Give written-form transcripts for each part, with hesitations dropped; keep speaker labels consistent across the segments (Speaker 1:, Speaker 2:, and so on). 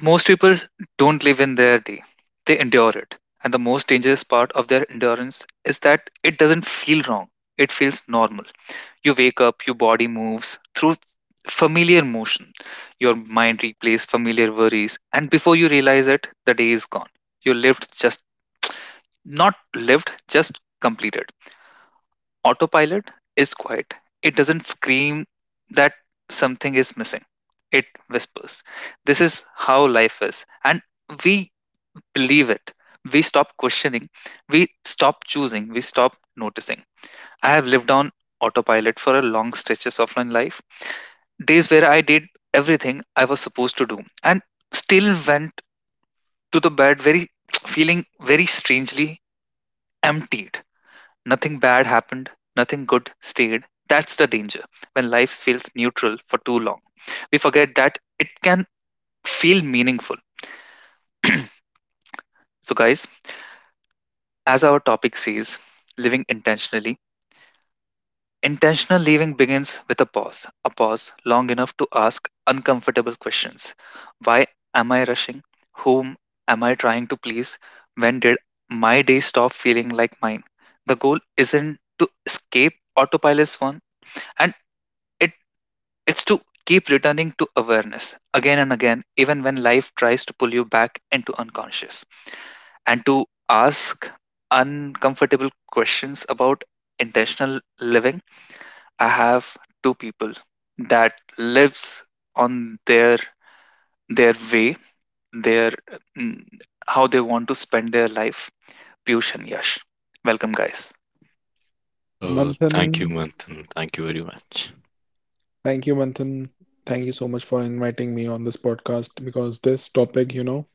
Speaker 1: Most people don't live in their day, they endure it. And the most dangerous part of their endurance is that it doesn't feel wrong, it feels normal. You wake up, your body moves through familiar motion, your mind replays familiar worries, and before you realize it, the day is gone. You lived, just not lived, just completed. Autopilot is quiet. It doesn't scream that something is missing. It whispers. This is how life is. And we believe it. We stop questioning. We stop choosing. We stop noticing. I have lived on autopilot for a long stretches of my life. Days where I did everything I was supposed to do and still went to the bed very feeling very strangely emptied. Nothing bad happened, nothing good stayed. That's the danger when life feels neutral for too long. We forget that it can feel meaningful. So, guys, as our topic says, living intentionally, intentional living begins with a pause long enough to ask uncomfortable questions. Why am I rushing? Whom am I trying to please? When did my day stop feeling like mine? The goal isn't to escape autopilot's one and it. It's to keep returning to awareness again and again, even when life tries to pull you back into unconscious, and to ask uncomfortable questions about intentional living. I have two people that lives on their way, their mm, how they want to spend their life. Piyush and Yash, welcome guys.
Speaker 2: Manthan,
Speaker 3: Thank you, Manthan. Thank you very much.
Speaker 2: Manthan. Thank you so much for inviting me on this podcast because this topic,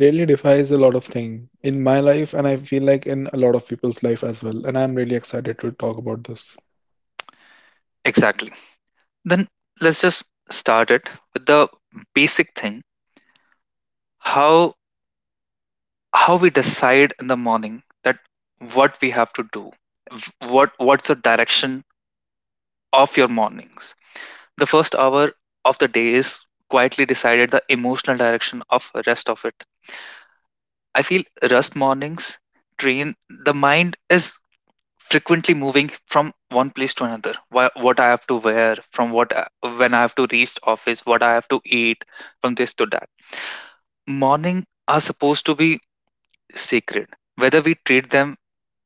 Speaker 2: really defies a lot of things in my life and I feel like in a lot of people's life as well. And I'm really excited to talk about this.
Speaker 1: Exactly. Then let's just start it with the basic thing, how how we decide in the morning that what we have to do. What's the direction of your mornings? The first hour of the day is quietly decided the emotional direction of rest of it. I feel rest mornings train the mind is frequently moving from one place to another. What I have to wear, when I have to reach office, what I have to eat, from this to that. Morning are supposed to be sacred, whether we treat them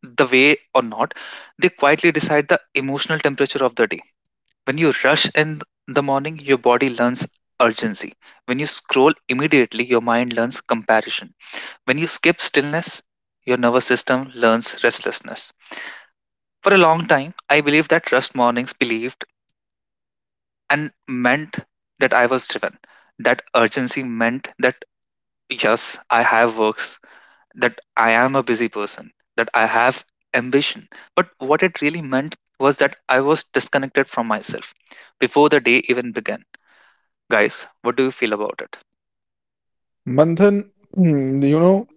Speaker 1: the way or not. They quietly decide the emotional temperature of the day. When you rush in the morning, your body learns urgency. When you scroll immediately, your mind learns comparison. When you skip stillness, your nervous system learns restlessness. For a long time I believed that rest mornings believed and meant that I was driven, that urgency meant that, yes, I have works, that I am a busy person, that I have ambition. But what it really meant was that I was disconnected from myself before the day even began. Guys, what do you feel about it?
Speaker 2: Manthan, hmm,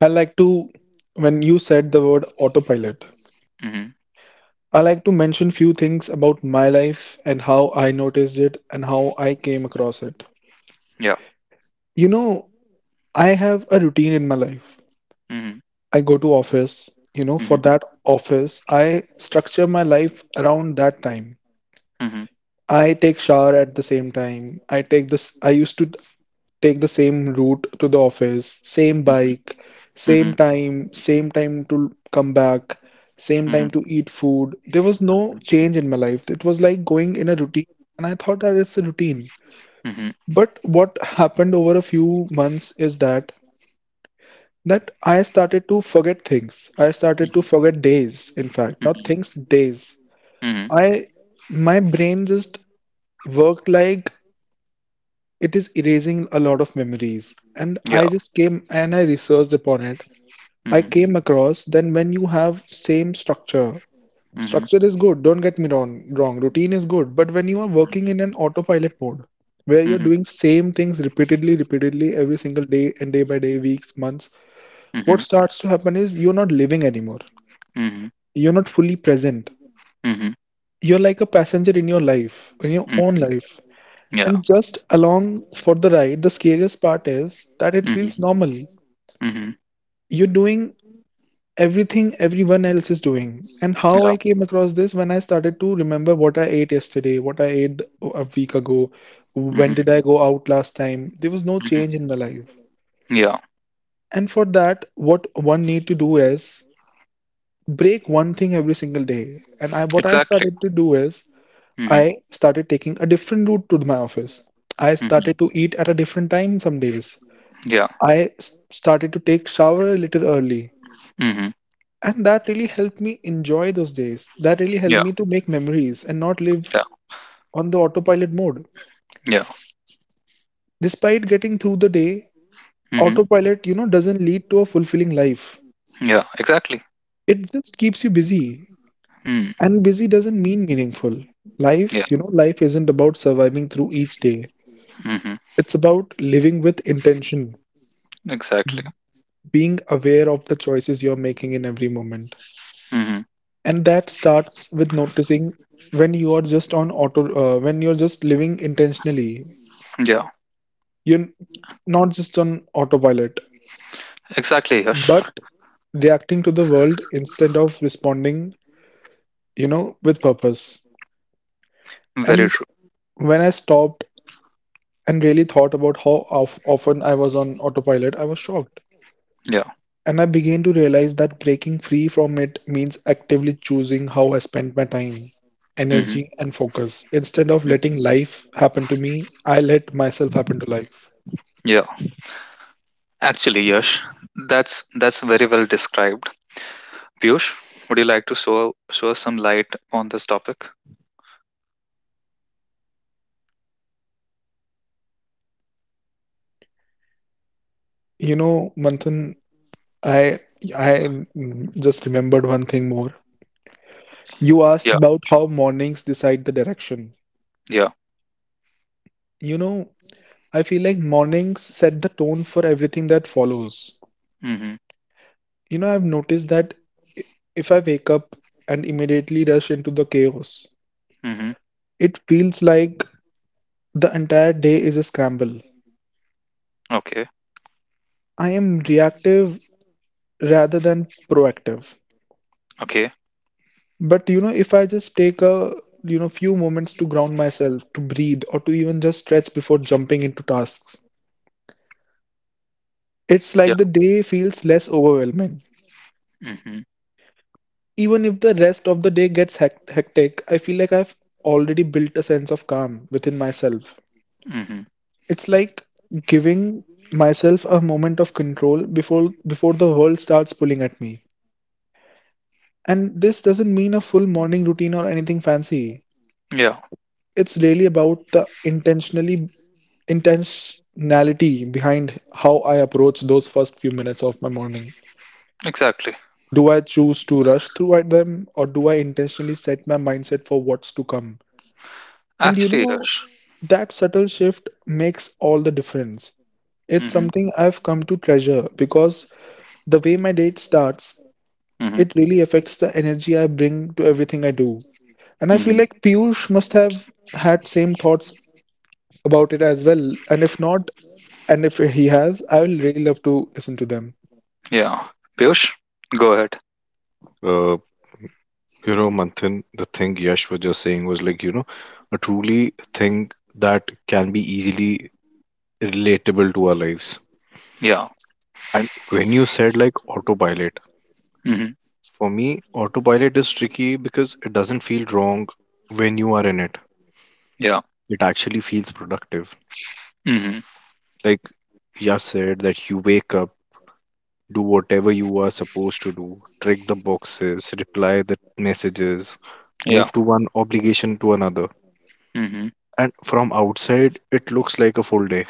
Speaker 2: I like to, when you said the word autopilot,
Speaker 1: Mm-hmm.
Speaker 2: I like to mention few things about my life and how I noticed it and how I came across it.
Speaker 1: Yeah.
Speaker 2: You know, I have a routine in my life.
Speaker 1: Mm-hmm.
Speaker 2: I go to office, for
Speaker 1: Mm-hmm.
Speaker 2: that office, I structure my life around that time.
Speaker 1: Mm-hmm.
Speaker 2: I take shower at the same time. I take this, I used to take the same route to the office, same bike,
Speaker 1: Mm-hmm. Mm-hmm.
Speaker 2: same time to come back, same time to eat food. There was no change in my life. It was like going in a routine, and I thought that it's a routine.
Speaker 1: Mm-hmm. Mm-hmm.
Speaker 2: But what happened over a few months is that I started to forget things. I started to forget days, in fact, not
Speaker 1: Mm-hmm.
Speaker 2: things, days. I my brain just worked like it is erasing a lot of memories. And I
Speaker 1: Yeah.
Speaker 2: just came and I researched upon it.
Speaker 1: Mm-hmm.
Speaker 2: I
Speaker 1: Yeah. Mm-hmm.
Speaker 2: came across then when you have same structure,
Speaker 1: Mm-hmm.
Speaker 2: structure is good, don't get me wrong, wrong. Routine is good, but when you are working in an autopilot mode where you're
Speaker 1: Mm-hmm.
Speaker 2: doing same things repeatedly every single day and day by day, weeks, months, what
Speaker 1: Mm-hmm.
Speaker 2: starts to happen is you're not living anymore. You're not fully present.
Speaker 1: Mm-hmm.
Speaker 2: You're like a passenger in your life, in your own
Speaker 1: Mm-hmm.
Speaker 2: life.
Speaker 1: Yeah.
Speaker 2: And just along for the ride, the scariest part is that it feels
Speaker 1: Mm-hmm.
Speaker 2: normal.
Speaker 1: Mm-hmm.
Speaker 2: You're doing everything everyone else is doing. And how
Speaker 1: Yeah.
Speaker 2: I came across this when I started to remember what I ate yesterday, what I ate a week ago, when
Speaker 1: Mm-hmm.
Speaker 2: did I go out last time? There was no
Speaker 1: Mm-hmm.
Speaker 2: change in my life.
Speaker 1: Yeah.
Speaker 2: And for that, what one need to do is break one thing every single day. And I, what I
Speaker 1: Exactly.
Speaker 2: started to do is
Speaker 1: Mm-hmm.
Speaker 2: I started taking a different route to my office. I
Speaker 1: Mm-hmm.
Speaker 2: started to eat at a different time some days.
Speaker 1: Yeah.
Speaker 2: I started to take shower a little early.
Speaker 1: Mm-hmm.
Speaker 2: And that really helped me enjoy those days. That really helped
Speaker 1: Yeah.
Speaker 2: me to make memories and not live
Speaker 1: Yeah.
Speaker 2: on the autopilot mode.
Speaker 1: Yeah.
Speaker 2: Despite getting through the day,
Speaker 1: Mm-hmm.
Speaker 2: autopilot, doesn't lead to a fulfilling life.
Speaker 1: Yeah, exactly.
Speaker 2: It just keeps you busy.
Speaker 1: Hmm.
Speaker 2: And busy doesn't mean meaningful.
Speaker 1: Yeah.
Speaker 2: Life isn't about surviving through each day.
Speaker 1: Hmm.
Speaker 2: It's about living with intention,
Speaker 1: Exactly.
Speaker 2: being aware of the choices you're making in every moment,
Speaker 1: Hmm.
Speaker 2: and that starts with noticing when you are just on auto when you're just living intentionally.
Speaker 1: Yeah.
Speaker 2: You're not just on autopilot,
Speaker 1: Exactly, Yash.
Speaker 2: but reacting to the world instead of responding with purpose.
Speaker 1: Very
Speaker 2: And
Speaker 1: true.
Speaker 2: when I stopped and really thought about often I was on autopilot, I was shocked.
Speaker 1: Yeah.
Speaker 2: And I began to realize that breaking free from it means actively choosing how I spend my time,
Speaker 1: Hmm.
Speaker 2: energy, and focus. Instead of letting
Speaker 1: Hmm.
Speaker 2: life happen to me, I let myself happen to life.
Speaker 1: Yeah. Actually, Yash, that's very well described. Piyush, would you like to show us some light on this topic?
Speaker 2: You know, Manthan, I I just remembered one thing more. You asked
Speaker 1: Yeah.
Speaker 2: about how mornings decide the direction.
Speaker 1: Yeah.
Speaker 2: You know, I feel like mornings set the tone for everything that follows.
Speaker 1: Hmm.
Speaker 2: You know, I've noticed that i- if I wake up and immediately rush into the chaos,
Speaker 1: Hmm.
Speaker 2: it feels like the entire day is a scramble.
Speaker 1: Okay.
Speaker 2: I am reactive rather than proactive.
Speaker 1: Okay.
Speaker 2: But you know, if I just take a few moments to ground myself, to breathe, or to even just stretch before jumping into tasks, it's
Speaker 1: Yeah.
Speaker 2: like the day feels less overwhelming.
Speaker 1: Hmm.
Speaker 2: Even if the rest of the day gets hectic, I feel like I've already built a sense of calm within myself.
Speaker 1: Hmm.
Speaker 2: It's like giving myself a moment of control before the world starts pulling at me. And this doesn't mean a full morning routine or anything fancy.
Speaker 1: Yeah.
Speaker 2: It's really about the intentionally intentionality behind how I approach those first few minutes of my morning.
Speaker 1: Exactly.
Speaker 2: Do I choose to rush through at them or do I intentionally set my mindset for what's to come? And you
Speaker 1: Actually,
Speaker 2: know,
Speaker 1: Yash.
Speaker 2: that subtle shift makes all the difference. It's
Speaker 1: Hmm.
Speaker 2: something I've come to treasure because the way my date starts,
Speaker 1: Hmm.
Speaker 2: it really affects the energy I bring to everything I do. And I feel
Speaker 1: Hmm.
Speaker 2: like Piyush must have had same thoughts about it as well. And if not, and if he has, I will really love to listen to them.
Speaker 1: Yeah. Piyush, go ahead.
Speaker 3: Uh, you know, Manthan, the thing Yash was just saying was like, you know, a truly thing that can be easily relatable to our lives.
Speaker 1: Yeah.
Speaker 3: And when you said like autopilot,
Speaker 1: Hmm.
Speaker 3: for me, autopilot is tricky because it doesn't feel wrong when you are in it.
Speaker 1: Yeah.
Speaker 3: It actually feels productive.
Speaker 1: Hmm.
Speaker 3: Like Yash said, that you wake up, do whatever you are supposed to do, check the boxes, reply the messages,
Speaker 1: Yeah.
Speaker 3: move to one obligation to another.
Speaker 1: Hmm.
Speaker 3: And from outside, it looks like a full day,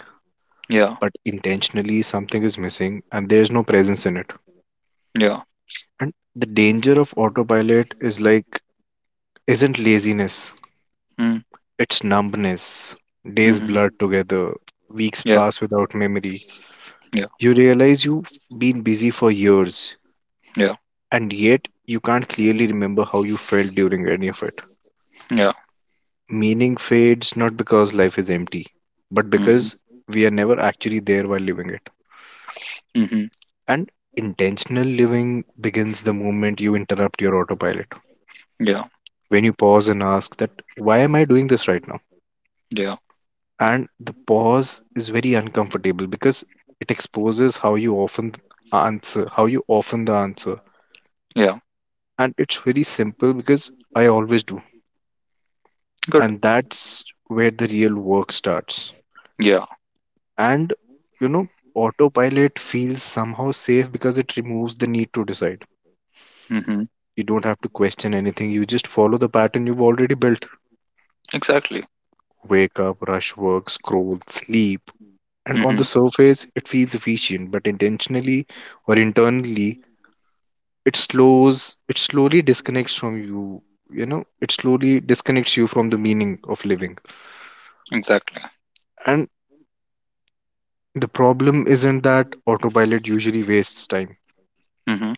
Speaker 1: Yeah,
Speaker 3: but intentionally, something is missing and there's no presence in it.
Speaker 1: yeah.
Speaker 3: And the danger of autopilot is like, isn't laziness,
Speaker 1: Mm,
Speaker 3: it's numbness. Days
Speaker 1: mhm.
Speaker 3: blur together, weeks
Speaker 1: Yeah,
Speaker 3: pass without memory.
Speaker 1: yeah,
Speaker 3: You realize you've been busy for years,
Speaker 1: yeah,
Speaker 3: and yet you can't clearly remember how you felt during any of it.
Speaker 1: yeah.
Speaker 3: Meaning fades not because life is empty, but
Speaker 1: Mhm,
Speaker 3: because we are never actually there while living it.
Speaker 1: mhm.
Speaker 3: And intentional living begins the moment you interrupt your autopilot.
Speaker 1: Yeah,
Speaker 3: When you pause and ask that, why am I doing this right now?
Speaker 1: yeah,
Speaker 3: And the pause is very uncomfortable because it exposes how you often answer, how you often the answer.
Speaker 1: yeah.
Speaker 3: And it's very simple because I always do.
Speaker 1: Good.
Speaker 3: And that's where the real work starts.
Speaker 1: Yeah.
Speaker 3: And you know, autopilot feels somehow safe because it removes the need to decide.
Speaker 1: Mhm.
Speaker 3: You don't have to question anything. You just follow the pattern you've already built.
Speaker 1: Exactly.
Speaker 3: Wake up, rush work, scroll, sleep, and on
Speaker 1: Mhm.
Speaker 3: the surface it feels efficient, but intentionally or internally it slows, it slowly disconnects from you, you know, it slowly disconnects you from the meaning of living.
Speaker 1: Exactly.
Speaker 3: And the problem isn't that autopilot usually wastes time.
Speaker 1: Mhm.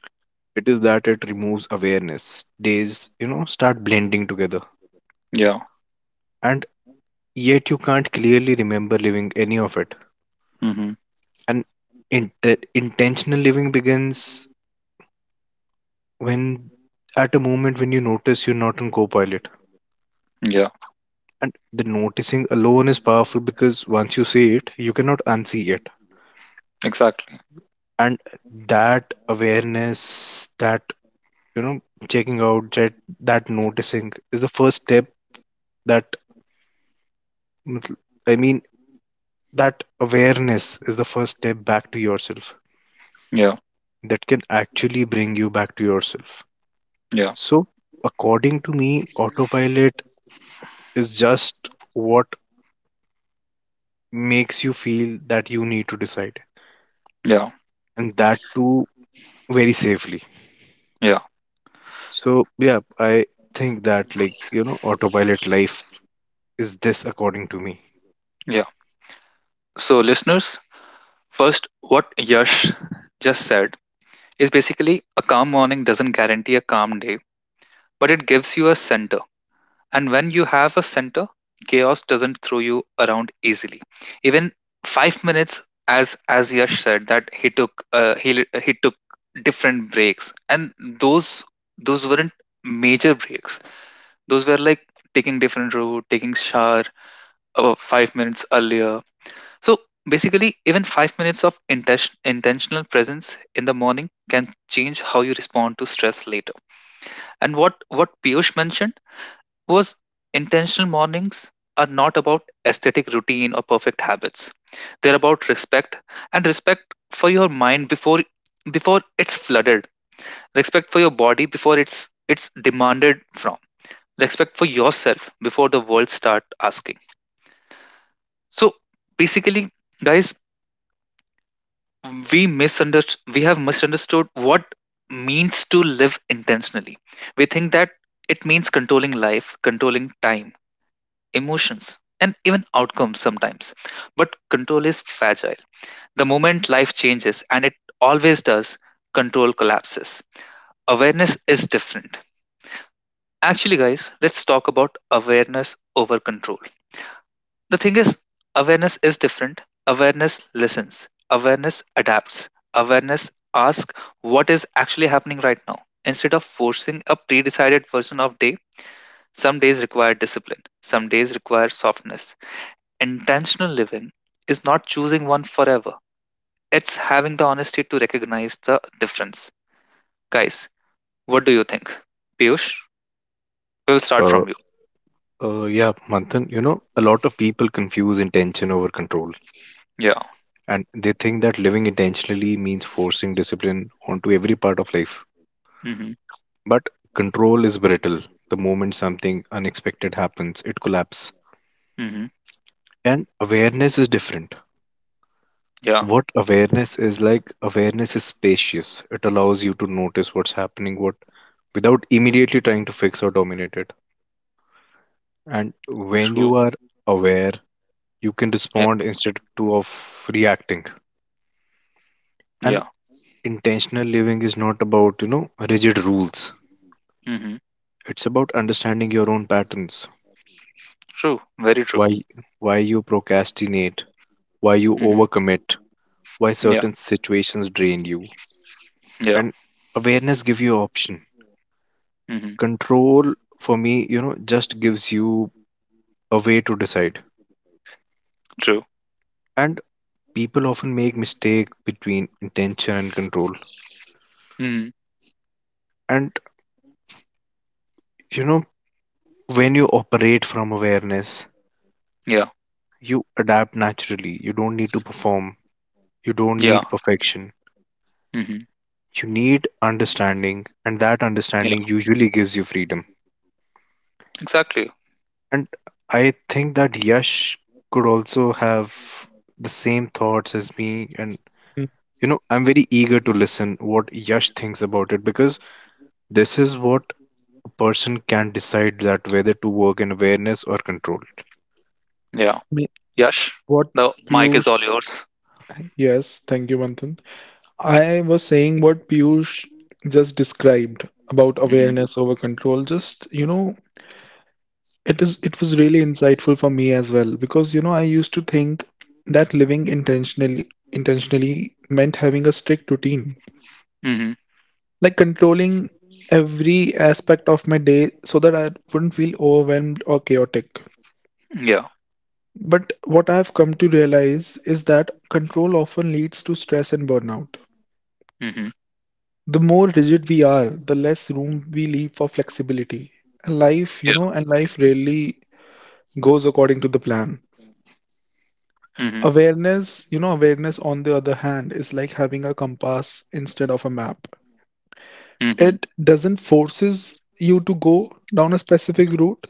Speaker 3: It is that it removes awareness. Days, you know, start blending together.
Speaker 1: Yeah.
Speaker 3: And yet you can't clearly remember living any of it.
Speaker 1: Mhm.
Speaker 3: And intentional living begins when at a moment when you notice you're not on copilot,
Speaker 1: Yeah.
Speaker 3: and the noticing alone is powerful because once you see it you cannot unsee it,
Speaker 1: Exactly.
Speaker 3: and that awareness, that, you know, checking out, that that noticing is the first step, that matl- i mean that awareness is the first step back to yourself,
Speaker 1: Yeah,
Speaker 3: that can actually bring you back to yourself.
Speaker 1: yeah,
Speaker 3: So according to me, autopilot is just what makes you feel that you need to decide,
Speaker 1: yeah,
Speaker 3: and that too very safely.
Speaker 1: yeah,
Speaker 3: So yeah, I think that, like, you know, autopilot life is this according to me.
Speaker 1: yeah. So, listeners, first, what Yash just said is basically a calm morning doesn't guarantee a calm day, but it gives you a center. And when you have a center, chaos doesn't throw you around easily. Even 5 minutes, as Yash said, that he took he took different breaks, and those weren't major breaks. Those were like taking different route, taking shower 5 minutes earlier. So basically, even 5 minutes of intentional presence in the morning can change how you respond to stress later. And what Piyush mentioned was intentional mornings are not about aesthetic routine or perfect habits. They're about respect, and respect for your mind before it's flooded. Respect for your body before it's demanded from. Respect for yourself before the world start asking. So basically, guys, we have misunderstood what means to live intentionally. We think that it means controlling life, controlling time, emotions, and even outcomes sometimes. But control is fragile. The moment life changes, and it always does, control collapses. Awareness is different. Actually, guys, let's talk about awareness over control. The thing is, awareness is different. Awareness listens, awareness adapts, awareness asks what is actually happening right now. Instead of forcing a pre decided version of day, some days require discipline, some days require softness. Intentional living is not choosing one forever. It's having the honesty to recognize the difference. Guys, what do you think? Piyush, we'll start
Speaker 3: Uh,
Speaker 1: from you.
Speaker 3: yeah, Manthan, you know, a lot of people confuse intention over control,
Speaker 1: Yeah.
Speaker 3: and they think that living intentionally means forcing discipline onto every part of life.
Speaker 1: Mm-hmm.
Speaker 3: But control is brittle. The moment something unexpected happens, it collapses.
Speaker 1: Mm-hmm.
Speaker 3: And awareness is different.
Speaker 1: Yeah.
Speaker 3: What awareness is like, awareness is spacious. It allows you to notice what's happening, what without immediately trying to fix or dominate it. And when
Speaker 1: True.
Speaker 3: you are aware, you can
Speaker 1: Yeah.
Speaker 3: respond instead to of reacting. And
Speaker 1: Yeah.
Speaker 3: intentional living is not about, you know, rigid rules.
Speaker 1: Mm-hmm.
Speaker 3: It's about understanding your own patterns.
Speaker 1: True. Very true.
Speaker 3: Why why you procrastinate, why you
Speaker 1: Mm-hmm.
Speaker 3: overcommit, why
Speaker 1: Yeah.
Speaker 3: certain situations drain you.
Speaker 1: Yeah.
Speaker 3: And awareness gives you option.
Speaker 1: Mm-hmm.
Speaker 3: Control for me, you know, just gives you a way to decide.
Speaker 1: True.
Speaker 3: And people often make mistake between intention and control,
Speaker 1: Mm-hmm.
Speaker 3: and, you know, when you operate from awareness
Speaker 1: Yeah.
Speaker 3: you adapt naturally, you don't need to perform, you don't
Speaker 1: Yeah.
Speaker 3: need perfection,
Speaker 1: Mm-hmm.
Speaker 3: you need understanding, and that
Speaker 1: Yeah.
Speaker 3: understanding usually gives you freedom.
Speaker 1: Exactly.
Speaker 3: And I think that Yash could also have the same thoughts as me, and,
Speaker 2: Mm,
Speaker 3: you know, I'm very eager to listen what Yash thinks about it because this is what a person can decide, that whether to work in awareness or control.
Speaker 1: Yeah.
Speaker 2: me-
Speaker 1: Yash,
Speaker 2: What
Speaker 1: the mic is
Speaker 2: Piyush,
Speaker 1: all yours.
Speaker 2: yes, thank you, Manthan. I was saying what Piyush just described about
Speaker 1: Mm-hmm.
Speaker 2: awareness over control. It is it was really insightful for me as well because you know I used to think that living intentionally meant having a strict routine,
Speaker 1: Mm-hmm.
Speaker 2: like controlling every aspect of my day so that I wouldn't feel overwhelmed or chaotic.
Speaker 1: Yeah.
Speaker 2: But what I've come to realize is that control often leads to stress and burnout.
Speaker 1: Mm-hmm.
Speaker 2: The more rigid we are, the less room we leave for flexibility. And
Speaker 1: Yeah.
Speaker 2: life rarely goes according to the plan.
Speaker 1: Mm-hmm.
Speaker 2: Awareness on the other hand is like having a compass instead of a map.
Speaker 1: Mm-hmm.
Speaker 2: It doesn't forces you to go down a specific route,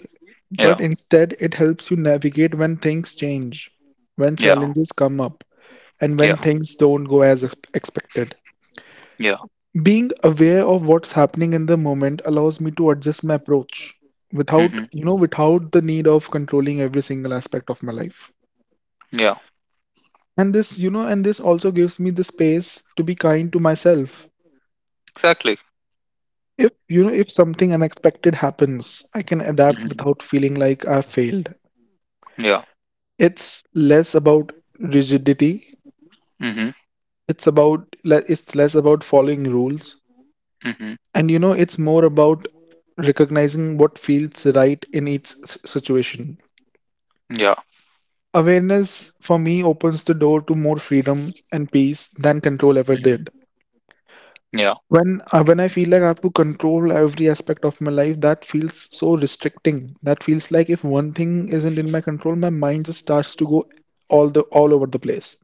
Speaker 1: Yeah.
Speaker 2: but instead it helps you navigate when things change, when
Speaker 1: Yeah.
Speaker 2: challenges come up, and
Speaker 1: Yeah.
Speaker 2: when things don't go as expected.
Speaker 1: Yeah.
Speaker 2: Being aware of what's happening in the moment allows me to adjust my approach
Speaker 1: Mm-hmm.
Speaker 2: without, without the need of controlling every single aspect of my life.
Speaker 1: Yeah,
Speaker 2: And this also gives me the space to be kind to myself.
Speaker 1: exactly.
Speaker 2: If, you know, if something unexpected happens, I can adapt
Speaker 1: Hmm.
Speaker 2: without feeling like I've failed.
Speaker 1: Yeah.
Speaker 2: It's less about rigidity.
Speaker 1: Hmm.
Speaker 2: It's about, it's less about following rules.
Speaker 1: Hmm.
Speaker 2: And, it's more about recognizing what feels right in each situation.
Speaker 1: Yeah.
Speaker 2: Awareness for me opens the door to more freedom and peace than control ever
Speaker 1: Hmm.
Speaker 2: did.
Speaker 1: Yeah.
Speaker 2: When I feel like I have to control every aspect of my life, that feels so restricting. That feels like if one thing isn't in my control, my mind just starts to go all over the place.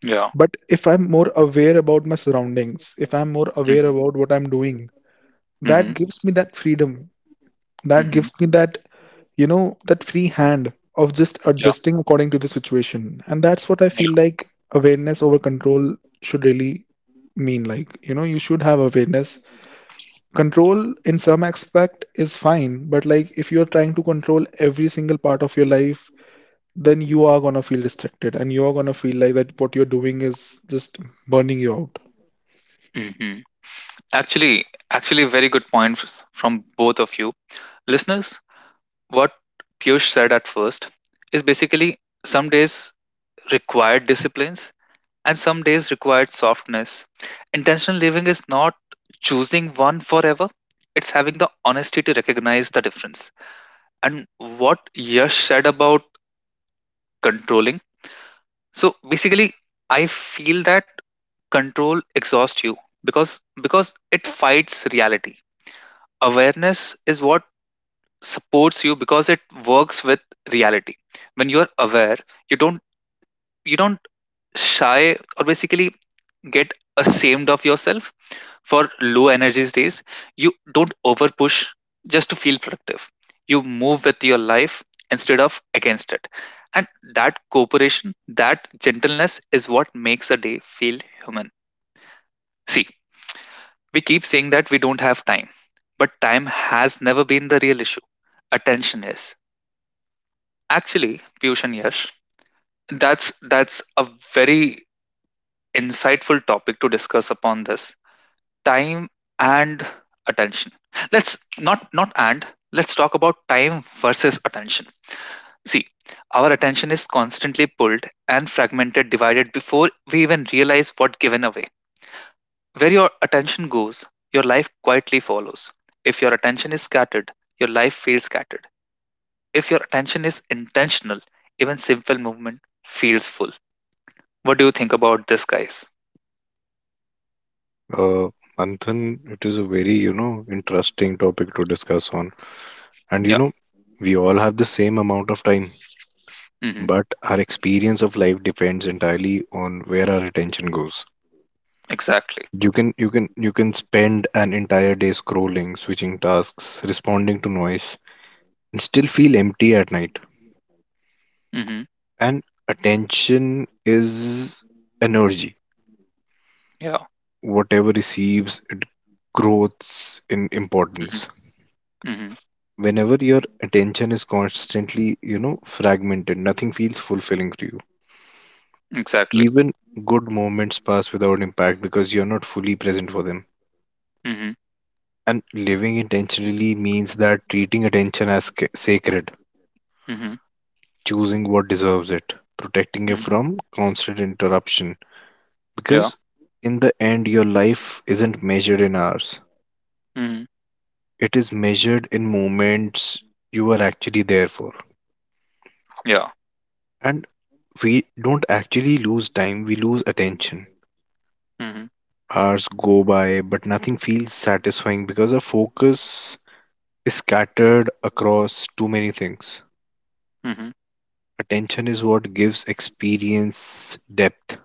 Speaker 1: Yeah.
Speaker 2: But if I'm more aware about my surroundings, if I'm more aware
Speaker 1: Hmm.
Speaker 2: about what I'm doing, that
Speaker 1: Hmm.
Speaker 2: gives me that freedom. That
Speaker 1: Hmm.
Speaker 2: gives me that, that free hand of just
Speaker 1: Yeah.
Speaker 2: adjusting according to the situation. And that's what I
Speaker 1: Yeah.
Speaker 2: feel like awareness over control should really mean. Like, you know, you should have awareness. Control in some aspect is fine, but like if you're trying to control every single part of your life, then you are gonna feel restricted and you're gonna feel like that what you're doing is just burning you out.
Speaker 1: Hmm. Actually, actually, very good point from both of you, listeners. What Piyush said at first is basically some days required disciplines and some days required softness. Intentional living is not choosing one forever. It's having the honesty to recognize the difference. And what Yash said about controlling. So basically, I feel that control exhausts you, because it fights reality. Awareness is what supports you because it works with reality. When you're aware, you don't, you don't shy or basically get ashamed of yourself for low energy days. You don't over push just to feel productive. You move with your life instead of against it, and that cooperation, that gentleness, is what makes a day feel human. See, we keep saying that we don't have time, but time has never been the real issue. Attention is. Actually, Piyush and Yash, that's that's a very insightful topic to discuss upon, this time and attention. Let's not not and let's talk about time versus attention. See, our attention is constantly pulled and fragmented, divided before we even realize what given away. Where your attention goes, your life quietly follows. If your attention is scattered, your life feels scattered. If your attention is intentional, even simple movement feels full. What do you think about this, guys?
Speaker 3: Uh, Manthan, it is a very, you know, interesting topic to discuss on. And
Speaker 1: Yeah.
Speaker 3: you know, we all have the same amount of time,
Speaker 1: Mm-hmm.
Speaker 3: but our experience of life depends entirely on where our attention goes.
Speaker 1: Exactly.
Speaker 3: You can spend an entire day scrolling, switching tasks, responding to noise, and still feel empty at night.
Speaker 1: Mm-hmm.
Speaker 3: And attention is energy.
Speaker 1: Yeah.
Speaker 3: Whatever receives, it grows in
Speaker 1: Mm-hmm.
Speaker 3: importance.
Speaker 1: Mm-hmm.
Speaker 3: Whenever your attention is constantly, you know, fragmented, nothing feels fulfilling to you,
Speaker 1: Exactly.
Speaker 3: even good moments pass without impact because you're not fully present for them.
Speaker 1: Mhm,
Speaker 3: And living intentionally means that treating attention as sacred,
Speaker 1: mhm,
Speaker 3: choosing what deserves it, protecting it
Speaker 1: mhm.
Speaker 3: from constant interruption,
Speaker 1: Yeah.
Speaker 3: because in the end your life isn't measured in hours,
Speaker 1: Mhm.
Speaker 3: it is measured in moments you are actually there for.
Speaker 1: Yeah.
Speaker 3: And we don't actually lose time, we lose attention.
Speaker 1: Mhm,
Speaker 3: Hours go by, but nothing feels satisfying because our focus is scattered across too many things.
Speaker 1: mhm.
Speaker 3: Attention is what gives experience depth,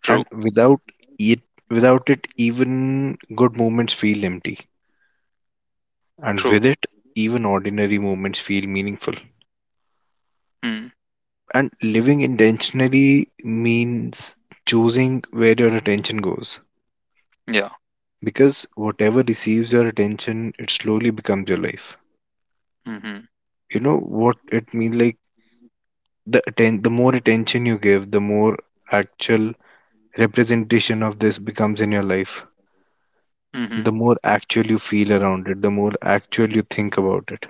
Speaker 1: True,
Speaker 3: and it, without it, even good moments feel empty, and
Speaker 1: true.
Speaker 3: with it, even ordinary moments feel meaningful.
Speaker 1: Mm.
Speaker 3: And living intentionally means choosing where your attention goes.
Speaker 1: Yeah.
Speaker 3: Because whatever receives your attention, it slowly becomes your life.
Speaker 1: Mhm,
Speaker 3: You know what it means, like, the more attention you give, the more actual representation of this becomes in your life,
Speaker 1: mhm,
Speaker 3: the more actual you feel around it, the more actual you think about it.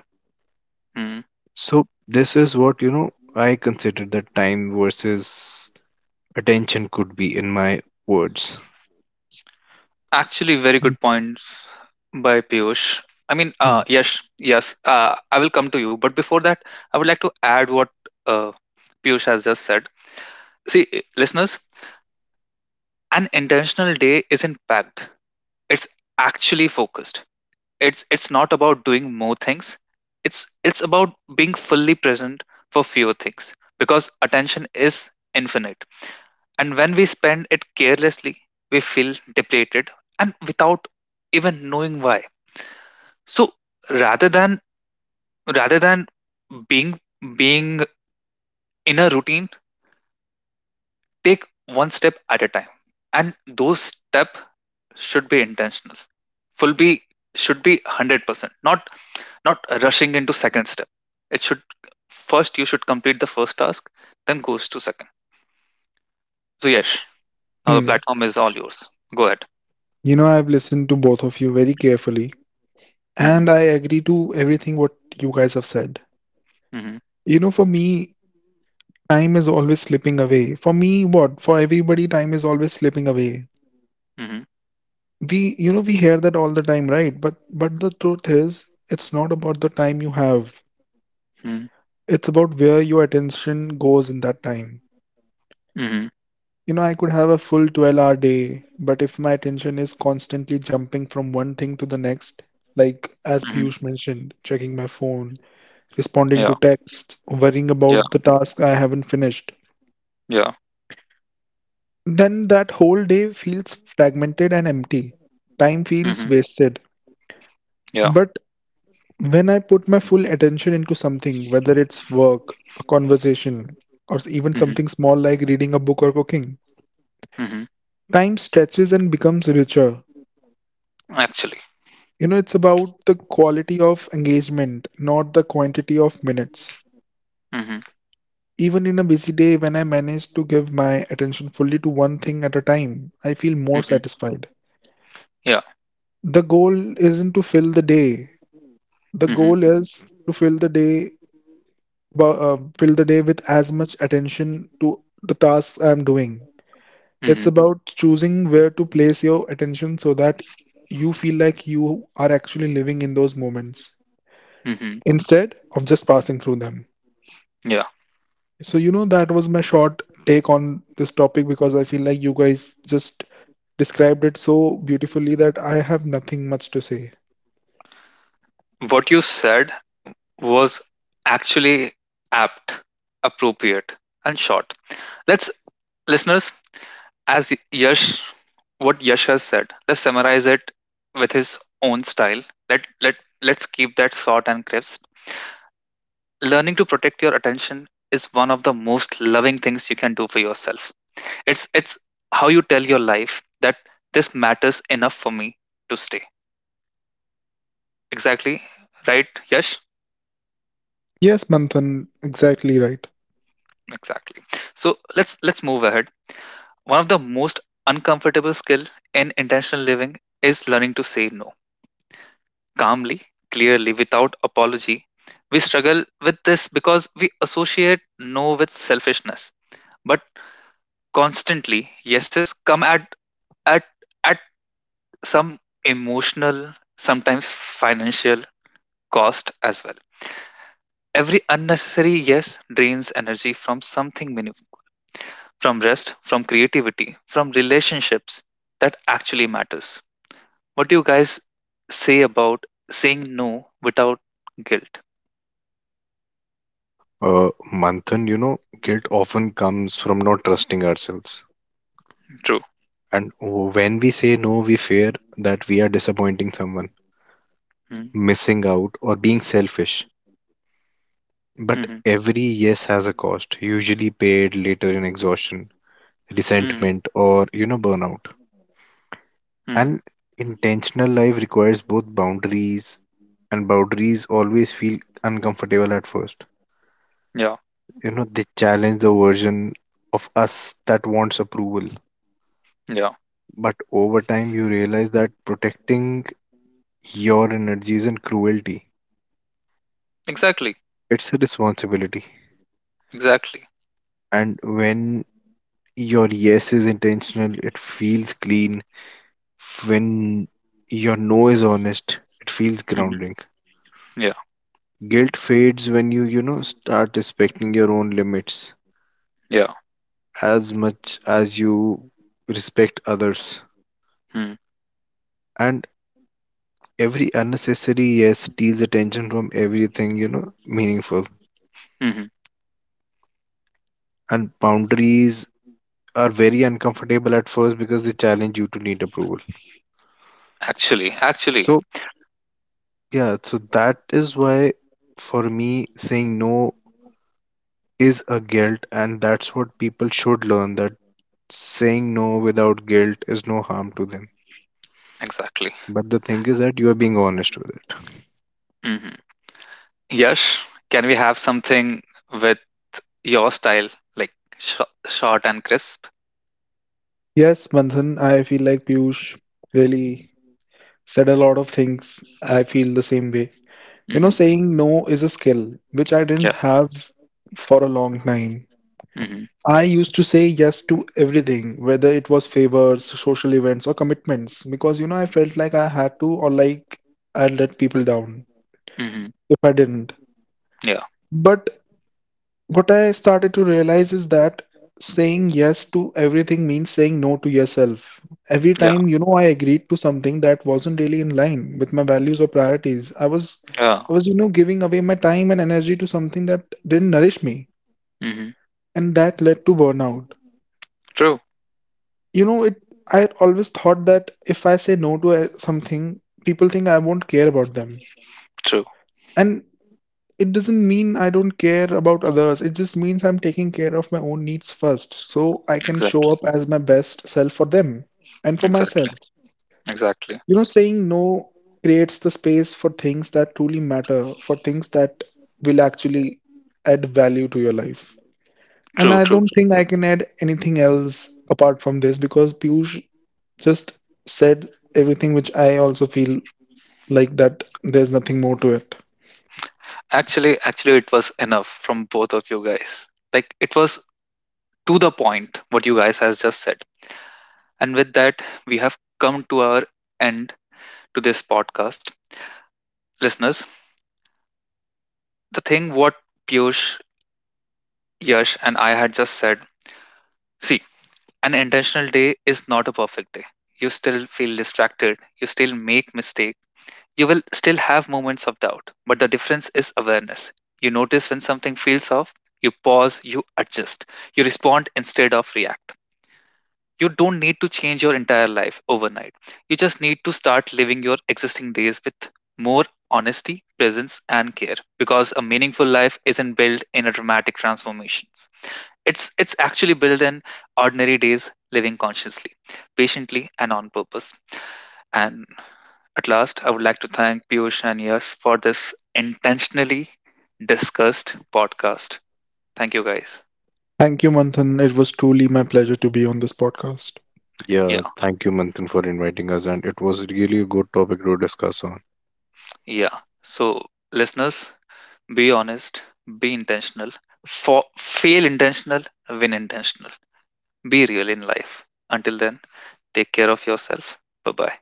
Speaker 1: mhm.
Speaker 3: So this is what, you know, I consider that time versus attention could be in my words.
Speaker 1: Actually, very good points by Piyush. I mean,
Speaker 2: Mhm.
Speaker 1: yes, yes. I will come to you, but before that, I would like to add what uh, Piyush has just said. See, listeners, an intentional day isn't packed; it's actually focused. It's not about doing more things, it's about being fully present for fewer things, because attention is infinite, and when we spend it carelessly we feel depleted and without even knowing why. So, rather than rather than being being in a routine, take one step at a time, and those step should be intentional, full be should be 100%, not rushing into second step. It should, first you should complete the first task, then goes to second. So yes, now the
Speaker 2: Hmm.
Speaker 1: platform is all yours. Go ahead.
Speaker 2: You know, I've listened to both of you very carefully,
Speaker 1: Mm-hmm.
Speaker 2: and I agree to everything what you guys have said.
Speaker 1: Mm-hmm.
Speaker 2: You know, for me, time is always slipping away. For me, what? For everybody, time is always slipping away.
Speaker 1: Mm-hmm.
Speaker 2: We hear that all the time, right? But the truth is, it's not about the time you have.
Speaker 1: Mm-hmm.
Speaker 2: It's about where your attention goes in that time.
Speaker 1: Mm-hmm.
Speaker 2: You know, I could have a full 12-hour day, but if my attention is constantly jumping from one thing to the next, like as
Speaker 1: Mm-hmm.
Speaker 2: Piyush mentioned, checking my phone, responding to
Speaker 1: Yeah.
Speaker 2: texts, worrying
Speaker 1: Yeah.
Speaker 2: about the task I haven't finished,
Speaker 1: Yeah.
Speaker 2: then that whole day feels fragmented and empty. Time
Speaker 1: Mm-hmm.
Speaker 2: feels wasted.
Speaker 1: Yeah.
Speaker 2: But when I put my full attention into something, whether it's work, a conversation, or even
Speaker 1: Mm-hmm.
Speaker 2: something small like reading a book or cooking,
Speaker 1: Mm-hmm.
Speaker 2: time stretches and becomes richer.
Speaker 1: Actually.
Speaker 2: You know, it's about the quality of engagement, not the quantity of minutes.
Speaker 1: Mm-hmm.
Speaker 2: Even in a busy day, when I manage to give my attention fully to one thing at a time, I feel more
Speaker 1: Mm-hmm.
Speaker 2: satisfied.
Speaker 1: Yeah.
Speaker 2: The goal isn't to fill the day, The
Speaker 1: Mm-hmm.
Speaker 2: goal is to fill the day, fill the day with as much attention to the tasks I'm doing.
Speaker 1: Mm-hmm.
Speaker 2: It's about choosing where to place your attention so that you feel like you are actually living in those moments
Speaker 1: Mm-hmm.
Speaker 2: instead of just passing through them.
Speaker 1: Yeah.
Speaker 2: So, you know, that was my short take on this topic because I feel like you guys just described it so beautifully that I have nothing much to say.
Speaker 1: What you said was actually apt, appropriate, and short. Let's Listeners, As Yash, what Yash has said, let's summarize it with his own style. Let let let's keep that short and crisp. Learning to protect your attention is one of the most loving things you can do for yourself. It's how you tell your life that this matters enough for me to stay. Exactly, right, Yash?
Speaker 2: Yes, Manthan, exactly right.
Speaker 1: Exactly. So let's move ahead. One of the most uncomfortable skill in intentional living is learning to say no calmly, clearly, without apology. We struggle with this because we associate no with selfishness. But constantly, yeses come at at some emotional, sometimes financial cost as well. Every unnecessary yes drains energy from something meaningful, from rest, from creativity, from relationships that actually matters. What do you guys say about saying no without guilt?
Speaker 3: uh Manthan, you know, guilt often comes from not trusting ourselves,
Speaker 1: True.
Speaker 3: and when we say no we fear that we are disappointing someone,
Speaker 1: Hmm.
Speaker 3: missing out, or being selfish. But
Speaker 1: Mm-hmm.
Speaker 3: every yes has a cost, usually paid later in exhaustion,
Speaker 1: Hmm.
Speaker 3: resentment, or, you know, burnout.
Speaker 1: Hmm.
Speaker 3: An intentional life requires both boundaries, and boundaries always feel uncomfortable at first.
Speaker 1: Yeah,
Speaker 3: You know, they challenge the version of us that wants approval.
Speaker 1: yeah,
Speaker 3: But over time, you realize that protecting your energy isn't cruelty,
Speaker 1: exactly,
Speaker 3: it's a responsibility.
Speaker 1: exactly.
Speaker 3: And when your yes is intentional, it feels clean; when your no is honest, it feels
Speaker 1: Hmm.
Speaker 3: grounding.
Speaker 1: Yeah,
Speaker 3: Guilt fades when you know, start respecting your own limits
Speaker 1: yeah.
Speaker 3: as much as you respect others.
Speaker 1: Mm-hmm.
Speaker 3: And every unnecessary yes steals attention from everything, you know, meaningful,
Speaker 1: Mm-hmm.
Speaker 3: and boundaries are very uncomfortable at first because they challenge you to need approval.
Speaker 1: Actually, actually,
Speaker 3: So yeah, so that is why for me saying no is a guilt, and that's what people should learn, that saying no without guilt is no harm to them.
Speaker 1: exactly.
Speaker 3: But the thing is that you are being honest with it.
Speaker 1: Hmm. Yash, can we have something with your style, like sh short and crisp?
Speaker 2: Yes, Manthan, I feel like Piyush really said a lot of things. I feel the same way. You know,
Speaker 1: Hmm.
Speaker 2: saying no is a skill which I didn't
Speaker 1: Yeah.
Speaker 2: have for a long time.
Speaker 1: Hmm.
Speaker 2: I used to say yes to everything, whether it was favors, social events, or commitments, because you know I felt like I had to or like I'd let people down
Speaker 1: Hmm.
Speaker 2: if I didn't.
Speaker 1: Yeah,
Speaker 2: But what I started to realize is that saying yes to everything means saying no to yourself. Every
Speaker 1: yeah,
Speaker 2: time, you know, I agreed to something that wasn't really in line with my values or priorities,
Speaker 1: yeah.
Speaker 2: I was, giving away my time and energy to something that didn't nourish me,
Speaker 1: Hmm.
Speaker 2: and that led to burnout.
Speaker 1: True,
Speaker 2: You know, it I always thought that if I say no to something, people think I won't care about them.
Speaker 1: true.
Speaker 2: And it doesn't mean I don't care about others. It just means I'm taking care of my own needs first, so I can show
Speaker 1: Exactly,
Speaker 2: up as my best self for them and for myself.
Speaker 1: exactly, exactly.
Speaker 2: You know, saying no creates the space for things that truly matter, for things that will actually add value to your life. And
Speaker 1: True,
Speaker 2: I
Speaker 1: true,
Speaker 2: don't
Speaker 1: true.
Speaker 2: think I can add anything else apart from this because Piyush just said everything which I also feel like that there's nothing more to it.
Speaker 1: Actually, it was enough from both of you guys. Like, it was to the point what you guys has just said. And with that, we have come to our end to this podcast. Listeners, the thing what Piyush, Yash, and I had just said, see, an intentional day is not a perfect day. You still feel distracted, you still make mistakes, you will still have moments of doubt, but the difference is awareness. You notice when something feels off, you pause, you adjust, you respond instead of react. You don't need to change your entire life overnight. You just need to start living your existing days with more honesty, presence, and care. Because a meaningful life isn't built in a dramatic transformations. It's actually built in ordinary days, living consciously, patiently, and on purpose. And at last, I would like to thank Piyush and Yash for this intentionally discussed podcast. Thank you guys.
Speaker 2: Thank you, Manthan. It was truly my pleasure to be on this podcast.
Speaker 3: Yeah,
Speaker 1: Yeah,
Speaker 3: thank you, Manthan, for inviting us, and it was really a good topic to discuss on.
Speaker 1: yeah. So, listeners, be honest, be intentional, fail intentional, win intentional. Be real in life. Until then, take care of yourself. Bye bye.